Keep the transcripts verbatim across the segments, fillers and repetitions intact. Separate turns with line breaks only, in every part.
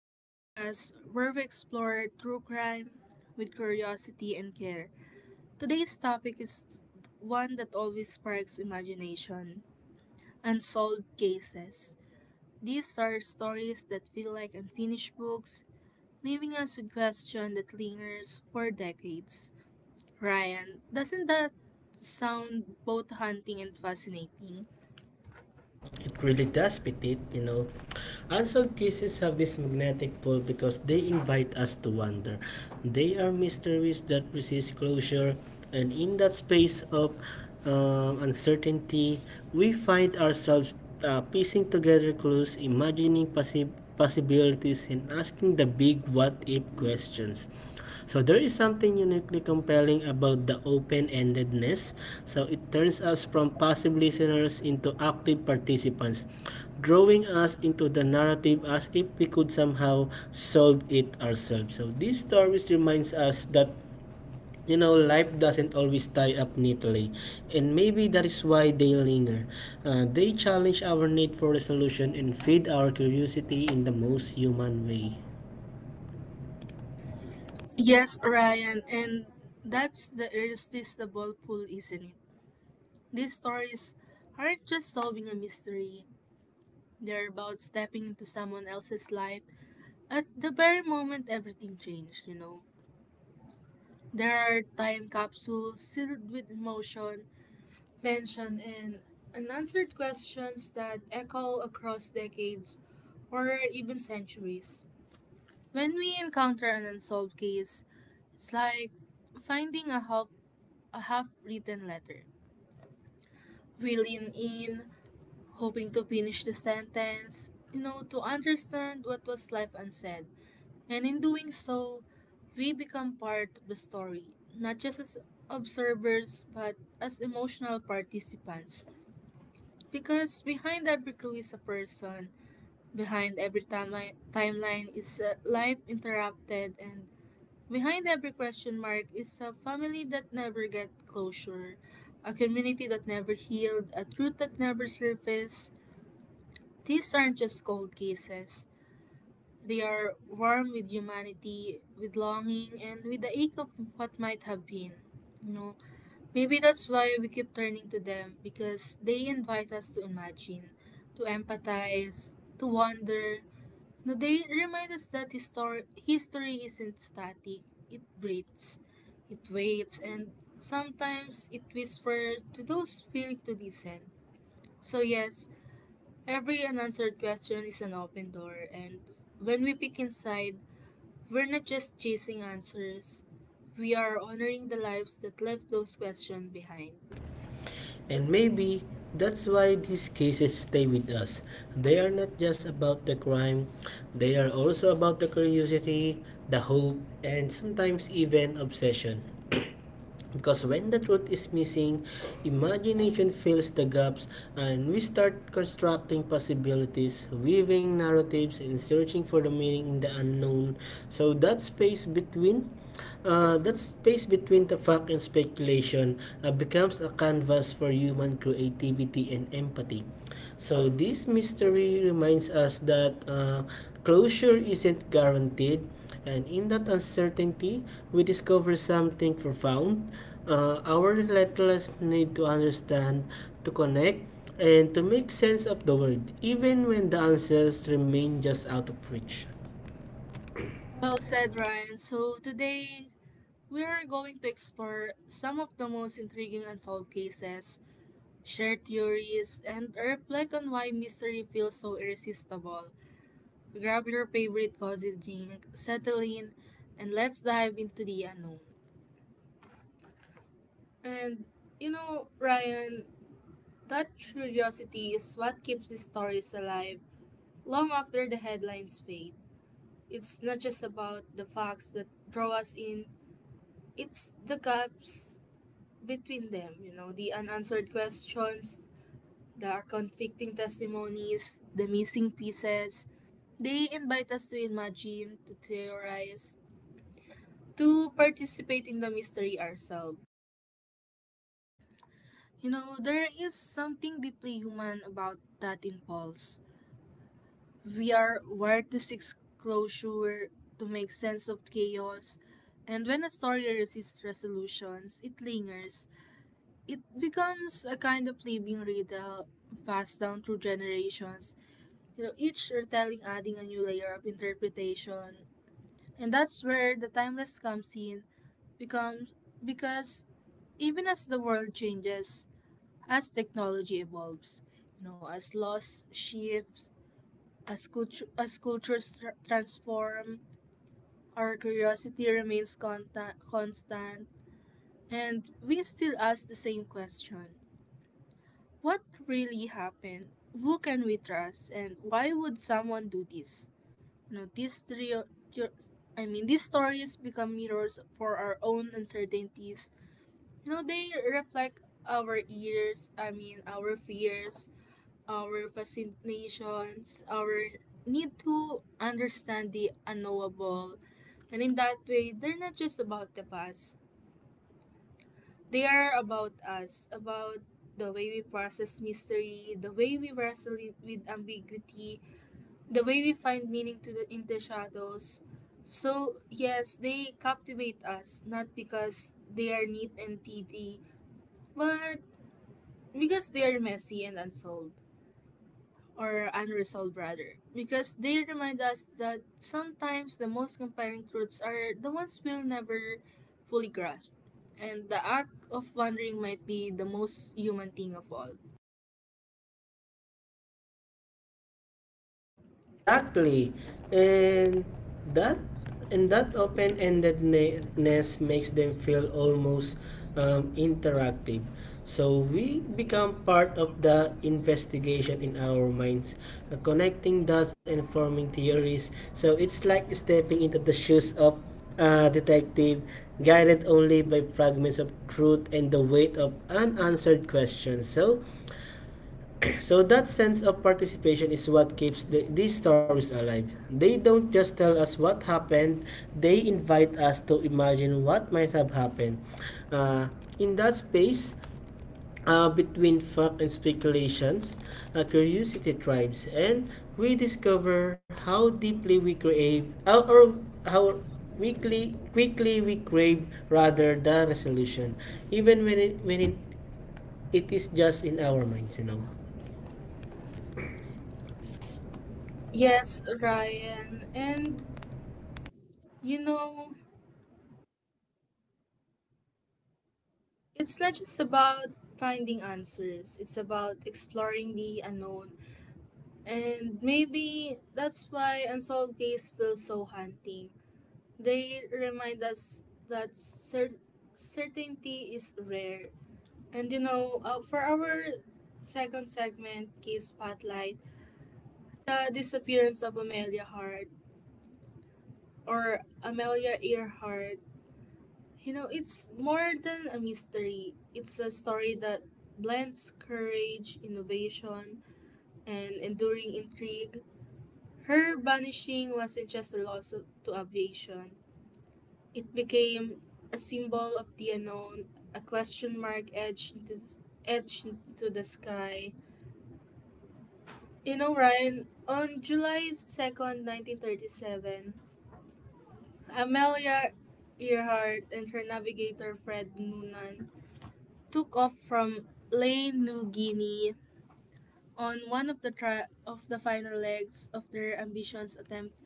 the podcast where we explore true crime with curiosity and care. Today's topic is one that always sparks imagination unsolved cases. These are stories that feel like unfinished books, leaving us with questions that lingers for decades. Ryan, doesn't that sound both haunting and fascinating?
It really does fit it, you know. Unsolved cases have this magnetic pull because they invite us to wonder. They are mysteries that resist closure, and in that space of um, uncertainty, we find ourselves uh, piecing together clues, imagining possi- possibilities, and asking the big what if questions. So there is something uniquely compelling about the open-endedness. So it turns us from passive listeners into active participants, drawing us into the narrative as if we could somehow solve it ourselves. So these stories reminds us that you know life doesn't always tie up neatly, and maybe that is why they linger. Uh, they challenge our need for resolution and feed our curiosity in the most human way.
Yes, Ryan, and that's the irresistible pull, isn't it? These stories aren't just solving a mystery, they're about stepping into someone else's life at the very moment everything changed, you know. There are time capsules filled with emotion, tension, and unanswered questions that echo across decades or even centuries. When we encounter an unsolved case, it's like finding a half a half written letter. We lean in, hoping to finish the sentence, you know, to understand what was left unsaid. And in doing so, we become part of the story, not just as observers, but as emotional participants. Because behind every clue is a person, behind every timeline, timeline is a life interrupted, and behind every question mark is a family that never get closure, a community that never healed, a truth that never surfaced, these aren't just cold cases. They are warm with humanity, with longing, and with the ache of what might have been. You know, Maybe that's why we keep turning to them because they invite us to imagine, to empathize, to wonder. You know, they remind us that histor- history isn't static, it breathes, it waits, and sometimes it whispers to those willing to listen. So, yes, every unanswered question is an open door, and when we peek inside, we're not just chasing answers, we are honoring the lives that left those questions behind.
And maybe that's why these cases stay with us. They are not just about the crime, they are also about the curiosity, the hope, and sometimes even obsession. Because when the truth is missing, imagination fills the gaps and we start constructing possibilities, weaving narratives, and searching for the meaning in the unknown. So that space between uh, that space between the fact and speculation uh, becomes a canvas for human creativity and empathy. So this mystery reminds us that uh, closure isn't guaranteed, and in that uncertainty, we discover something profound. Uh, our relentless need to understand, to connect, and to make sense of the world, even when the answers remain just out of reach.
Well said, Ryan. So today, we are going to explore some of the most intriguing unsolved cases, share theories, and reflect on why mystery feels so irresistible. Grab your favorite cozy drink, settle in, and let's dive into the unknown. And you know, Ryan, that curiosity is what keeps these stories alive long after the headlines fade. It's not just about the facts that draw us in, it's the gaps between them, you know, the unanswered questions, the conflicting testimonies, the missing pieces. They invite us to imagine, to theorize, to participate in the mystery ourselves. You know, there is something deeply human about that impulse. We are wired to seek closure, to make sense of chaos, and when a story resists resolutions, it lingers. It becomes a kind of living riddle passed down through generations. You know, each retelling adding a new layer of interpretation, and that's where the timeless comes in, becomes because even as the world changes, as technology evolves, you know, as laws shift as, cultu- as cultures tr- transform, our curiosity remains conta- constant, and we still ask the same question. What really happened? Who can we trust? And why would someone do this? You know, these three, thre- I mean, These stories become mirrors for our own uncertainties. You know, they reflect our ears, I mean, our fears, our fascinations, our need to understand the unknowable. And in that way, they're not just about the past, they are about us, about the way we process mystery, the way we wrestle i- with ambiguity, the way we find meaning to the, in the shadows. So, yes, they captivate us, not because they are neat and tidy, but because they are messy and unsolved, or unresolved rather, because they remind us that sometimes the most compelling truths are the ones we'll never fully grasp, and the act of wondering might be the most human thing of all.
Exactly. And that and that open-endedness makes them feel almost um, interactive. So we become part of the investigation in our minds, uh, connecting dots and forming theories. So it's like stepping into the shoes of a detective, guided only by fragments of truth and the weight of unanswered questions. So so that sense of participation is what keeps the, these stories alive. They don't just tell us what happened, they invite us to imagine what might have happened. Uh, in that space, uh, between fact and speculations, uh, curiosity thrives, and we discover how deeply we crave, uh, or how quickly, quickly we crave rather the resolution, even when it, when it, it is just in our minds, you know.
Yes, Ryan, and you know, it's not just about finding answers, it's about exploring the unknown, and maybe that's why Unsolved Case feels so haunting. They remind us that cer- certainty is rare. And you know, uh, for our second segment, Case Spotlight, the disappearance of Amelia Hart or Amelia Earhart, you know, it's more than a mystery. It's a story that blends courage, innovation, and enduring intrigue. Her vanishing wasn't just a loss of, to aviation. It became a symbol of the unknown, a question mark edged into the, edged into the sky. You know, Ryan, on July second, nineteen thirty-seven, Amelia Earhart and her navigator Fred Noonan took off from Ley, New Guinea on one of the tra- of the final legs of their ambitious attempt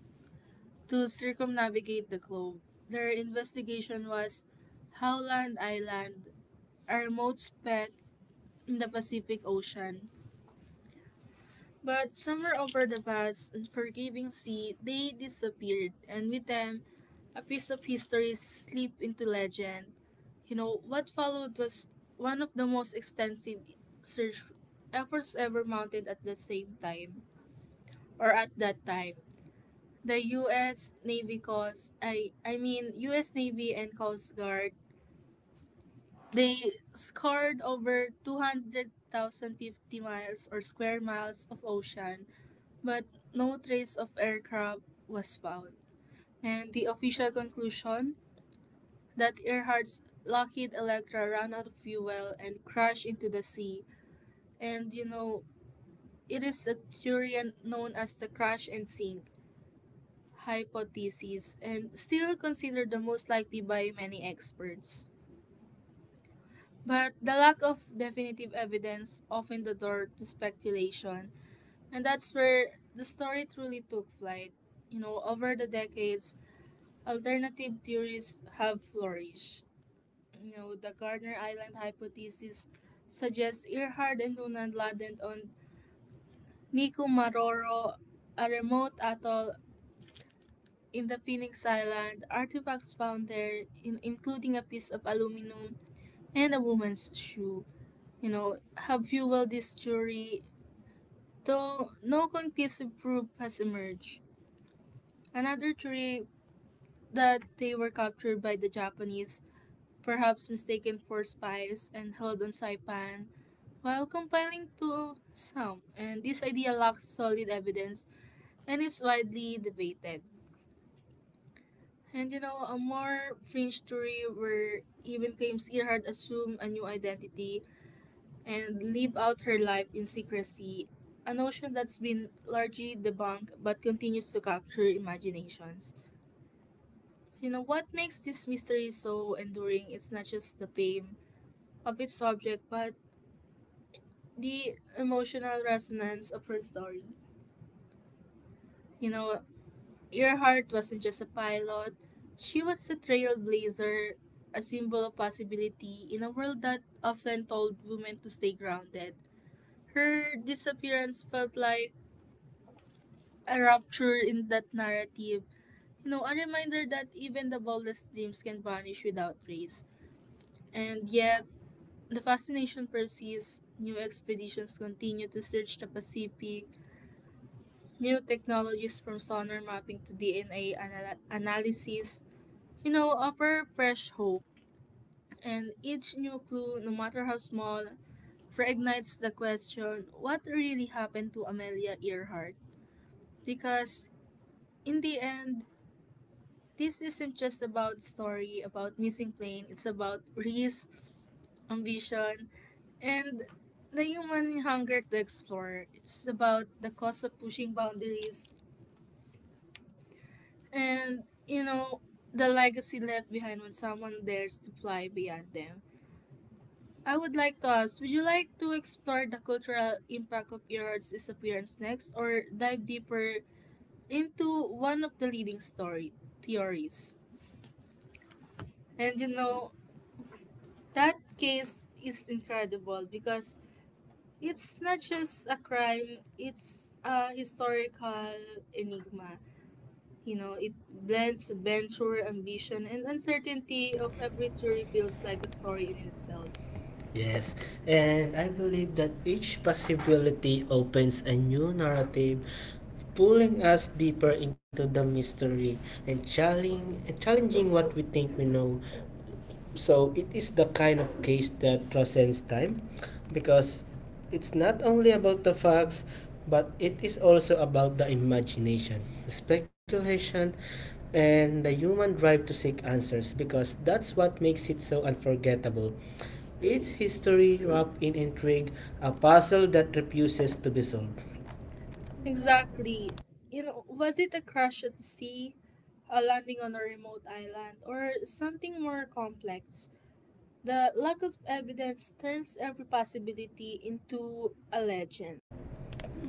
to circumnavigate the globe. Their investigation was Howland Island, a remote speck in the Pacific Ocean. But somewhere over the vast, unforgiving sea, they disappeared, and with them, a piece of history slipped into legend. You know, what followed was one of the most extensive search efforts ever mounted at the same time, or at that time. The U S Navy Coast, I, I mean, U S. Navy and Coast Guard, they scoured over two hundred thousand fifty miles or square miles of ocean but no trace of aircraft was found. And the official conclusion that Earhart's Lockheed Electra ran out of fuel and crashed into the sea. And you know, it is a theory known as the crash and sink hypothesis and still considered the most likely by many experts. But the lack of definitive evidence opened the door to speculation, and that's where the story truly took flight. You know, over the decades, alternative theories have flourished. You know, the Gardner Island hypothesis suggests Earhart and Noonan landed on Nikumaroro, a remote atoll in the Phoenix Island. Artifacts found there, in, including a piece of aluminum and a woman's shoe, you know, have fueled this theory, though no conclusive proof has emerged. Another theory that they were captured by the Japanese perhaps mistaken for spies and held on Saipan, while compiling to some. And this idea lacks solid evidence and is widely debated. And you know, a more fringe theory where even claims Earhart assumed a new identity and lived out her life in secrecy, a notion that's been largely debunked but continues to capture imaginations. You know, what makes this mystery so enduring is not just the fame of its subject, but the emotional resonance of her story. You know, Earhart wasn't just a pilot, she was a trailblazer, a symbol of possibility in a world that often told women to stay grounded. Her disappearance felt like a rupture in that narrative, you know, a reminder that even the boldest dreams can vanish without trace. And yet, the fascination persists. New expeditions continue to search the Pacific, new technologies from sonar mapping to D N A anal- analysis, you know, offer fresh hope. And each new clue, no matter how small, reignites the question what really happened to Amelia Earhart? Because in the end, this isn't just about story, about missing plane, it's about risk, ambition, and the human hunger to explore. It's about the cost of pushing boundaries and you know the legacy left behind when someone dares to fly beyond them. I would like to ask, would you like to explore the cultural impact of Earhart's disappearance next or dive deeper into one of the leading story theories? And you know, that case is incredible because it's not just a crime, it's a historical enigma. You know, it blends adventure, ambition, and uncertainty of every story feels like a story in itself.
Yes, and I believe that each possibility opens a new narrative, pulling us deeper into the mystery and challenging, challenging what we think we know. So it is the kind of case that transcends time because it's not only about the facts, but it is also about the imagination, speculation, and the human drive to seek answers, because that's what makes it so unforgettable. Its history wrapped in intrigue, a puzzle that refuses to be solved.
Exactly. You know, was it a crash at the sea, a landing on a remote island, or something more complex? The lack of evidence turns every possibility into a legend.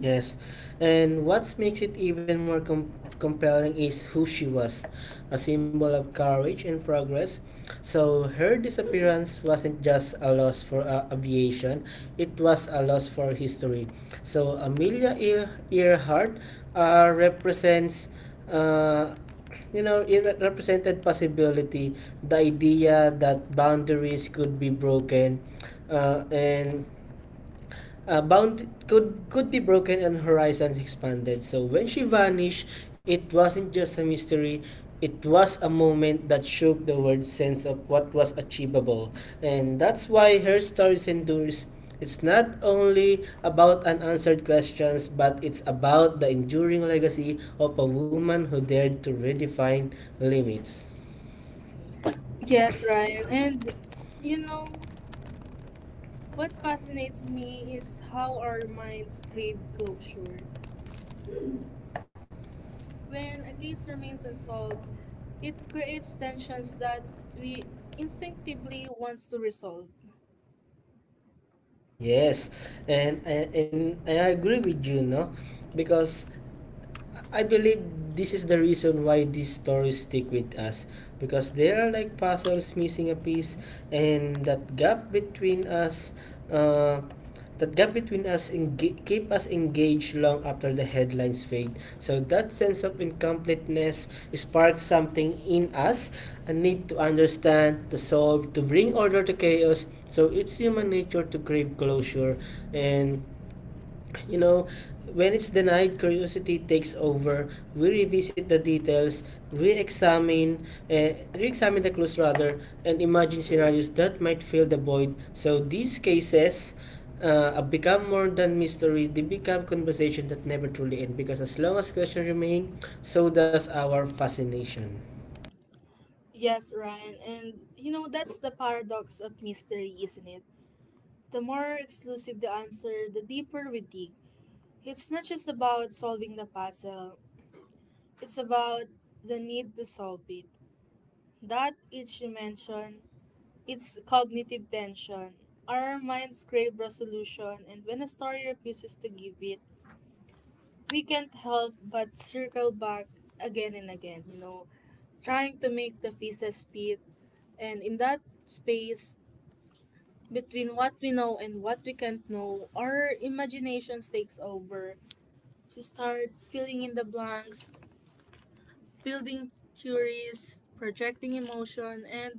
Yes, and what makes it even more com- compelling is who she was, a symbol of courage and progress. So, her disappearance wasn't just a loss for uh, aviation, it was a loss for history. So, Amelia Ear- Earhart uh, represents. Uh, you know, it re- represented possibility, the idea that boundaries could be broken, uh, and Uh, bound could could be broken and horizons expanded. So when she vanished, it wasn't just a mystery. It was a moment that shook the world's sense of what was achievable, and that's why her stories endures. It's not only about unanswered questions, but it's about the enduring legacy of a woman who dared to redefine limits.
Yes, Ryan. And you know, what fascinates me is how our minds crave closure. When a case remains unsolved, it creates tensions that we instinctively wants to resolve.
Yes, and and, and I agree with you, no, because I believe this is the reason why these stories stick with us, because they are like puzzles missing a piece, and that gap between us uh, that gap between us enga- keep us engaged long after the headlines fade. So that sense of incompleteness sparks something in us, a need to understand, to solve, to bring order to chaos. So it's human nature to crave closure. And you know, when it's denied, curiosity takes over. We revisit the details, re-examine, uh, re-examine the clues rather, and imagine scenarios that might fill the void. So these cases uh, become more than mystery. They become conversation that never truly end. Because as long as questions remain, so does our fascination.
Yes, Ryan, and you know that's the paradox of mystery, isn't it? The more exclusive the answer, the deeper we dig. It's not just about solving the puzzle, it's about the need to solve it. That each dimension, its cognitive tension. Our minds crave resolution, and when a story refuses to give it, we can't help but circle back again and again, you know, trying to make the pieces fit. And in that space between what we know and what we can't know, our imaginations takes over. We start filling in the blanks, building theories, projecting emotion, and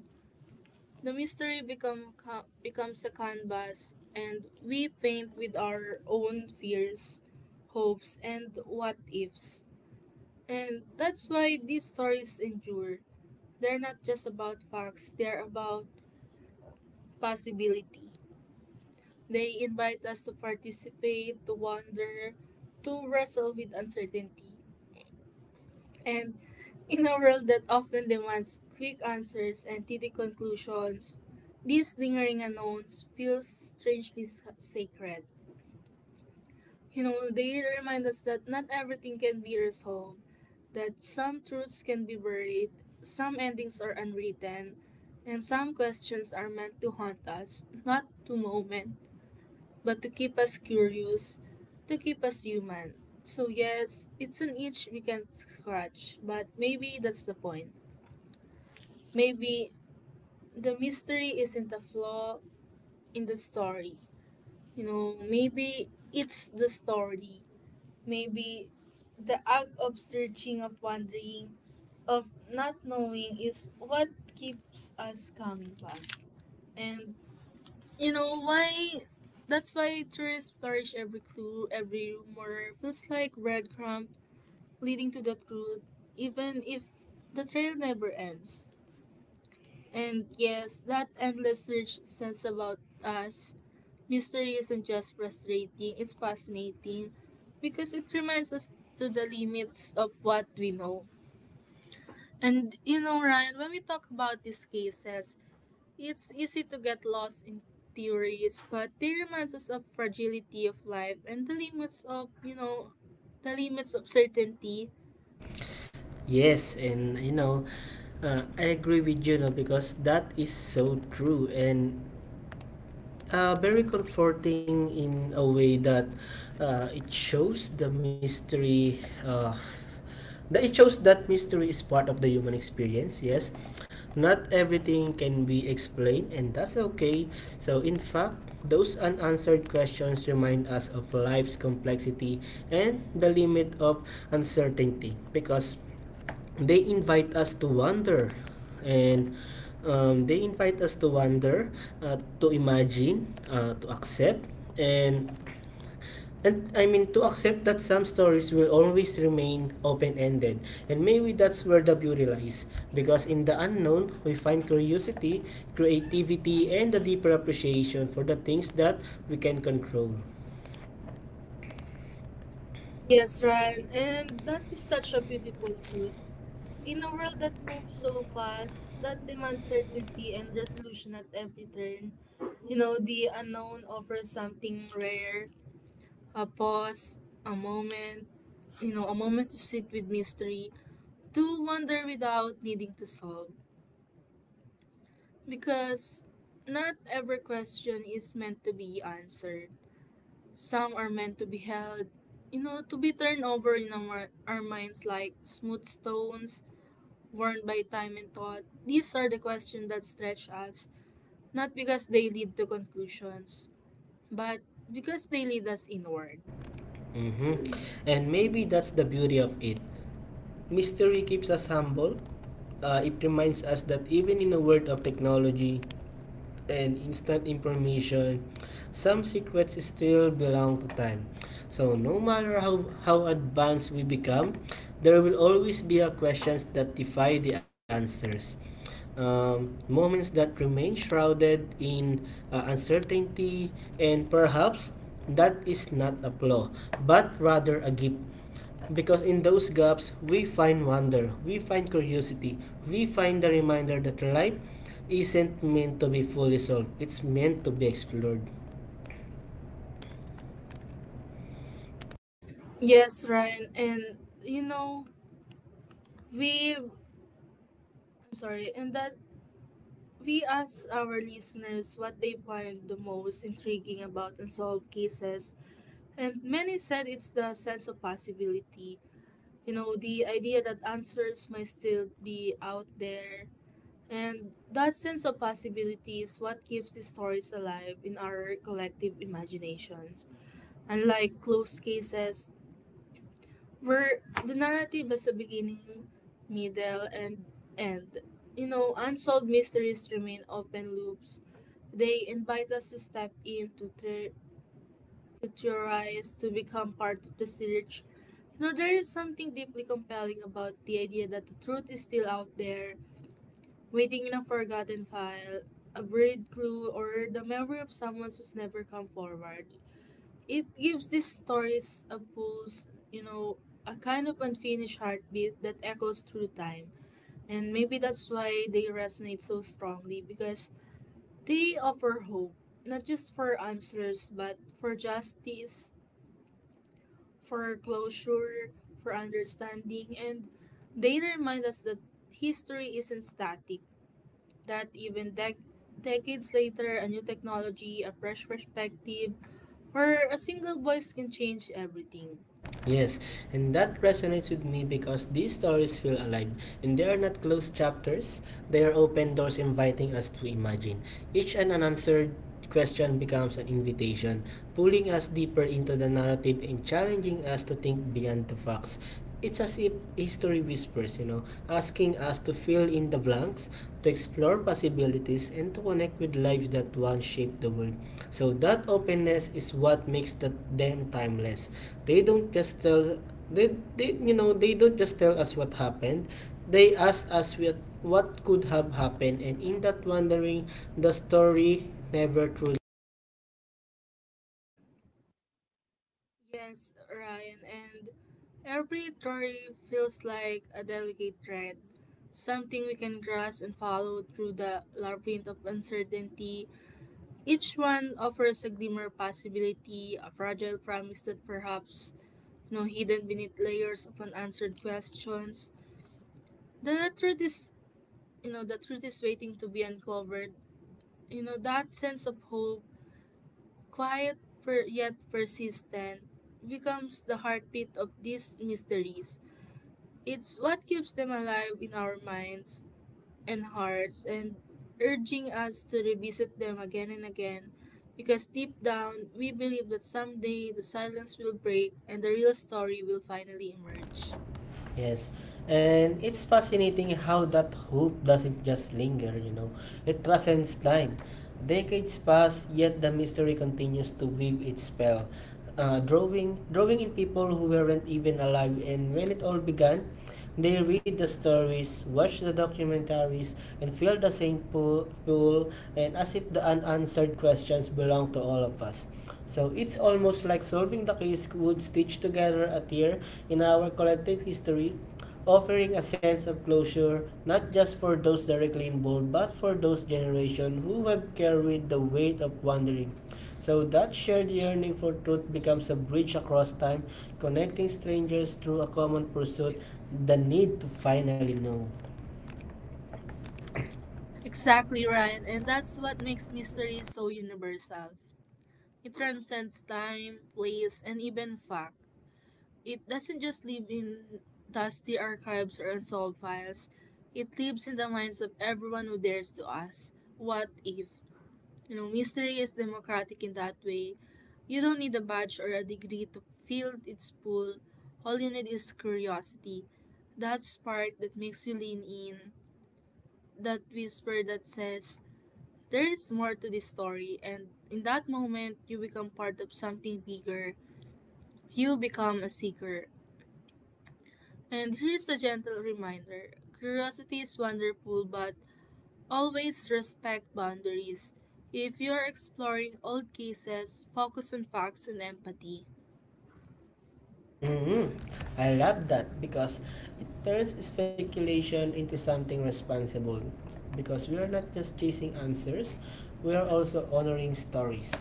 the mystery become ca- becomes a canvas, and we paint with our own fears, hopes, and what ifs. And that's why these stories endure. They're not just about facts, they're about possibility. They invite us to participate, to wonder, to wrestle with uncertainty. And in a world that often demands quick answers and titty conclusions, these lingering unknowns feel strangely sa- sacred. You know, they remind us that not everything can be resolved, that some truths can be buried, some endings are unwritten, and some questions are meant to haunt us, not to moment, but to keep us curious, to keep us human. So, yes, it's an itch we can scratch, but maybe that's the point. Maybe the mystery isn't a flaw in the story. You know, maybe it's the story. Maybe the act of searching, of wondering, of not knowing is what keeps us coming back. And you know why that's why tourists flourish every clue, every rumor feels like breadcrumb leading to the truth, even if the trail never ends. And yes, that endless search says about us. Mystery isn't just frustrating, it's fascinating because it reminds us to the limits of what we know. And you know, Ryan, when we talk about these cases, it's easy to get lost in theories, but they remind us of fragility of life and the limits of, you know, the limits of certainty.
Yes, and you know, uh, I agree with you, no, because that is so true. And uh, very comforting in a way that uh, it shows the mystery. Uh, that it shows that mystery is part of the human experience. Yes, not everything can be explained, and that's okay. So, in fact, those unanswered questions remind us of life's complexity and the limit of uncertainty, because they invite us to wonder, and um, they invite us to wonder uh, to imagine, uh, to accept, and and i mean to accept that some stories will always remain open-ended. And maybe that's where the beauty lies, because in the unknown we find curiosity, creativity, and a deeper appreciation for the things that we can control.
Yes, Ryan, and that is such a beautiful truth. In a world that moves so fast, that demands certainty and resolution at every turn, you know, the unknown offers something rare, a pause, a moment, you know, a moment to sit with mystery, to wonder without needing to solve. Because not every question is meant to be answered. Some are meant to be held, you know, to be turned over in our, our minds like smooth stones, worn by time and thought. These are the questions that stretch us, not because they lead to conclusions, but because they lead us inward.
Mhm. And maybe that's the beauty of it. Mystery keeps us humble. Uh, it reminds us that even in a world of technology and instant information, some secrets still belong to time. So no matter how, how advanced we become, there will always be a questions that defy the answers. Um, moments that remain shrouded in uh, uncertainty, and perhaps that is not a flaw but rather a gift. Because in those gaps, we find wonder, we find curiosity, we find the reminder that life isn't meant to be fully solved, it's meant to be explored.
Yes, Ryan, and you know, we I'm sorry, and that we asked our listeners what they find the most intriguing about unsolved cases. And many said it's the sense of possibility. You know, the idea that answers might still be out there. And that sense of possibility is what keeps these stories alive in our collective imaginations. Unlike closed cases, where the narrative has a beginning, middle, and end. You know, unsolved mysteries remain open loops. They invite us to step in, to, ther- to theorize, to become part of the search. You know, there is something deeply compelling about the idea that the truth is still out there, waiting in a forgotten file, a buried clue, or the memory of someone who's never come forward. It gives these stories a pulse, you know, a kind of unfinished heartbeat that echoes through time. And maybe that's why they resonate so strongly because they offer hope, not just for answers, but for justice, for closure, for understanding, and they remind us that history isn't static, that even dec- decades later, a new technology, a fresh perspective, or a single voice can change everything.
Yes, and that resonates with me because these stories feel alive, and they are not closed chapters, they are open doors inviting us to imagine. Each an unanswered question becomes an invitation, pulling us deeper into the narrative and challenging us to think beyond the facts. It's as if history whispers, you know, asking us to fill in the blanks, to explore possibilities, and to connect with lives that once shaped the world. So that openness is what makes the, them timeless. They don't just tell they, they you know they don't just tell us what happened. They ask us what what could have happened, and in that wondering, the story never truly.
Yes, Ryan, and every story feels like a delicate thread, something we can grasp and follow through the labyrinth of uncertainty. Each one offers a glimmer of possibility, a fragile promise that perhaps, you know, hidden beneath layers of unanswered questions. The truth is you know the truth is waiting to be uncovered. You know that sense of hope, quiet per- yet persistent, becomes the heartbeat of these mysteries. It's what keeps them alive in our minds and hearts and urging us to revisit them again and again because deep down we believe that someday the silence will break and the real story will finally emerge.
Yes. And it's fascinating how that hope doesn't just linger, you know. It transcends time. Decades pass, yet the mystery continues to weave its spell, uh, drawing, drawing in people who weren't even alive. And when it all began, they read the stories, watch the documentaries, and feel the same pull, pull and as if the unanswered questions belong to all of us. So it's almost like solving the case would stitch together a tear in our collective history, offering a sense of closure not just for those directly involved but for those generations who have carried the weight of wandering. So that shared yearning for truth becomes a bridge across time, connecting strangers through a common pursuit, the need to finally know.
Exactly, Ryan, and that's what makes mystery so universal. It transcends time, place, and even fact. It doesn't just live in dusty archives or unsolved files, it lives in the minds of everyone who dares to ask, "What if?" You know, mystery is democratic in that way. You don't need a badge or a degree to feel its pull. All you need is curiosity. That spark that makes you lean in, that whisper that says, there is more to this story, and in that moment, you become part of something bigger. You become a seeker. And here's a gentle reminder, curiosity is wonderful, but always respect boundaries. If you're exploring old cases, focus on facts and empathy.
Mhm. I love that because it turns speculation into something responsible. Because we are not just chasing answers, we are also honoring stories.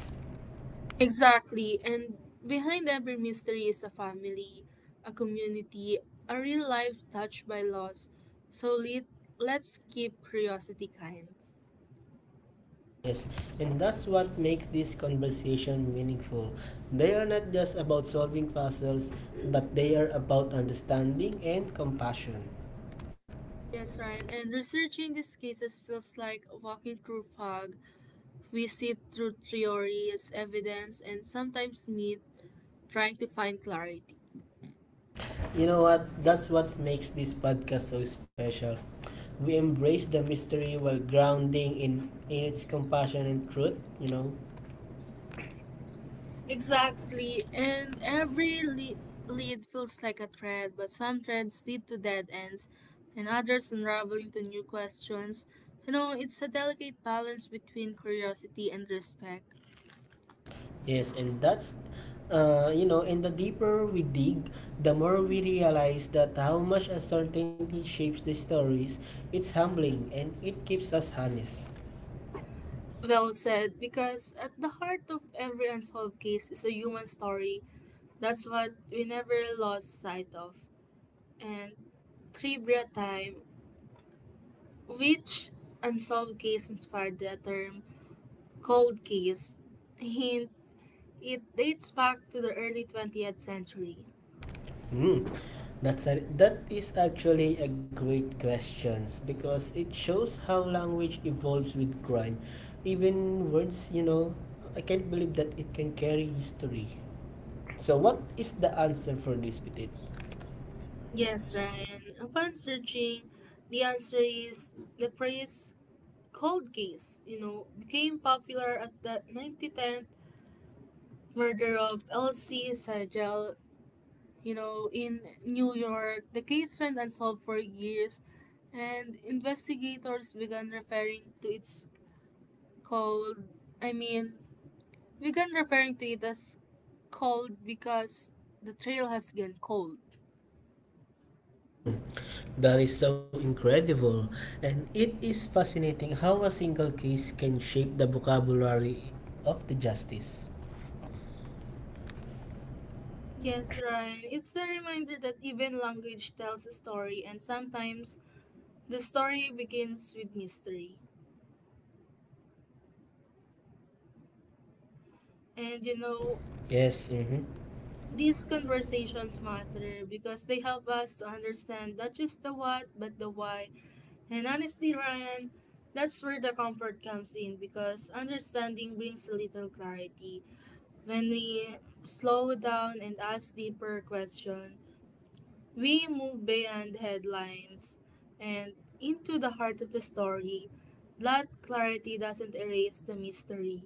Exactly, and behind every mystery is a family, a community, a real life touched by loss. So let, let's keep curiosity kind.
Yes, and that's what makes this conversation meaningful. They are not just about solving puzzles, but they are about understanding and compassion.
Yes, Ryan, and researching these cases feels like walking through fog. We sit through theories, evidence, and sometimes meet trying to find clarity.
You know what? That's what makes this podcast so special. We embrace the mystery while grounding in, in its compassion and truth, you know.
Exactly, and every le- lead feels like a thread, but some threads lead to dead ends, and others unravel into new questions. You know, it's a delicate balance between curiosity and respect.
Yes, and that's, uh, you know, and the deeper we dig, the more we realize that how much uncertainty shapes the stories. It's humbling and it keeps us honest.
Well said, because at the heart of every unsolved case is a human story. That's what we never lost sight of. And trivia time. Which unsolved case inspired the term cold case? Hint: it dates back to the early twentieth century.
Hmm. That's a, that is actually a great question because it shows how language evolves with crime. Even words, you know, I can't believe that it can carry history. So, what is the answer for this, Petit?
Yes, Ryan. Upon searching, the answer is the phrase cold case, you know, became popular at the nineteen ten murder of L. C. Sagel, you know, in New York. The case went unsolved for years, and investigators began referring to its cold, I mean, began referring to it as cold because the trail has gone cold.
Hmm, that is so incredible. And it is fascinating how a single case can shape the vocabulary of the justice.
Yes, right. It's a reminder that even language tells a story, and sometimes the story begins with mystery. And you know,
Yes. Mhm.
these conversations matter because they help us to understand not just the what, but the why. And honestly, Ryan, that's where the comfort comes in because understanding brings a little clarity when we slow down and ask deeper questions. We move beyond the headlines and into the heart of the story. That clarity doesn't erase the mystery,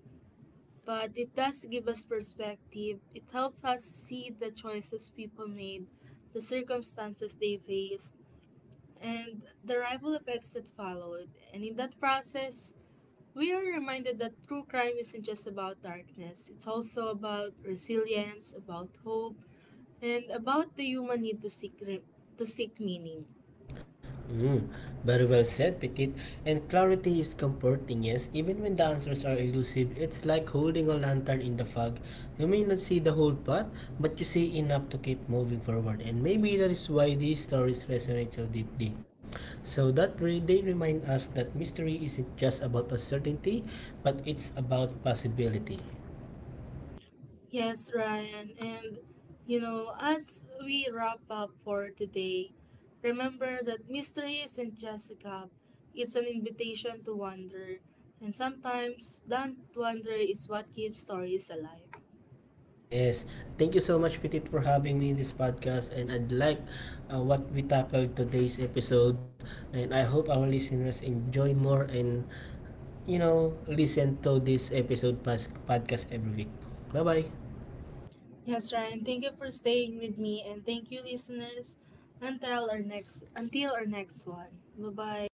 but it does give us perspective. It helps us see the choices people made, the circumstances they faced, and the rival effects that followed. And in that process, we are reminded that true crime isn't just about darkness, it's also about resilience, about hope, and about the human need to seek, re- to seek meaning.
Mm, very well said, Petit. And clarity is comforting, yes. Even when the answers are elusive, it's like holding a lantern in the fog. You may not see the whole path, but you see enough to keep moving forward. And maybe that is why these stories resonate so deeply. So that re- they remind us that mystery isn't just about uncertainty, but it's about possibility.
Yes, Ryan. And, you know, as we wrap up for today, remember that mystery isn't just a cup, it's an invitation to wonder. And sometimes that wonder is what keeps stories alive.
Yes. Thank you so much, Petit, for having me in this podcast. And I'd like uh, what we tackled today's episode. And I hope our listeners enjoy more and, you know, listen to this episode pas- podcast every week. Bye-bye.
Yes, Ryan. Thank you for staying with me and thank you listeners until our next until our next one. Bye-bye.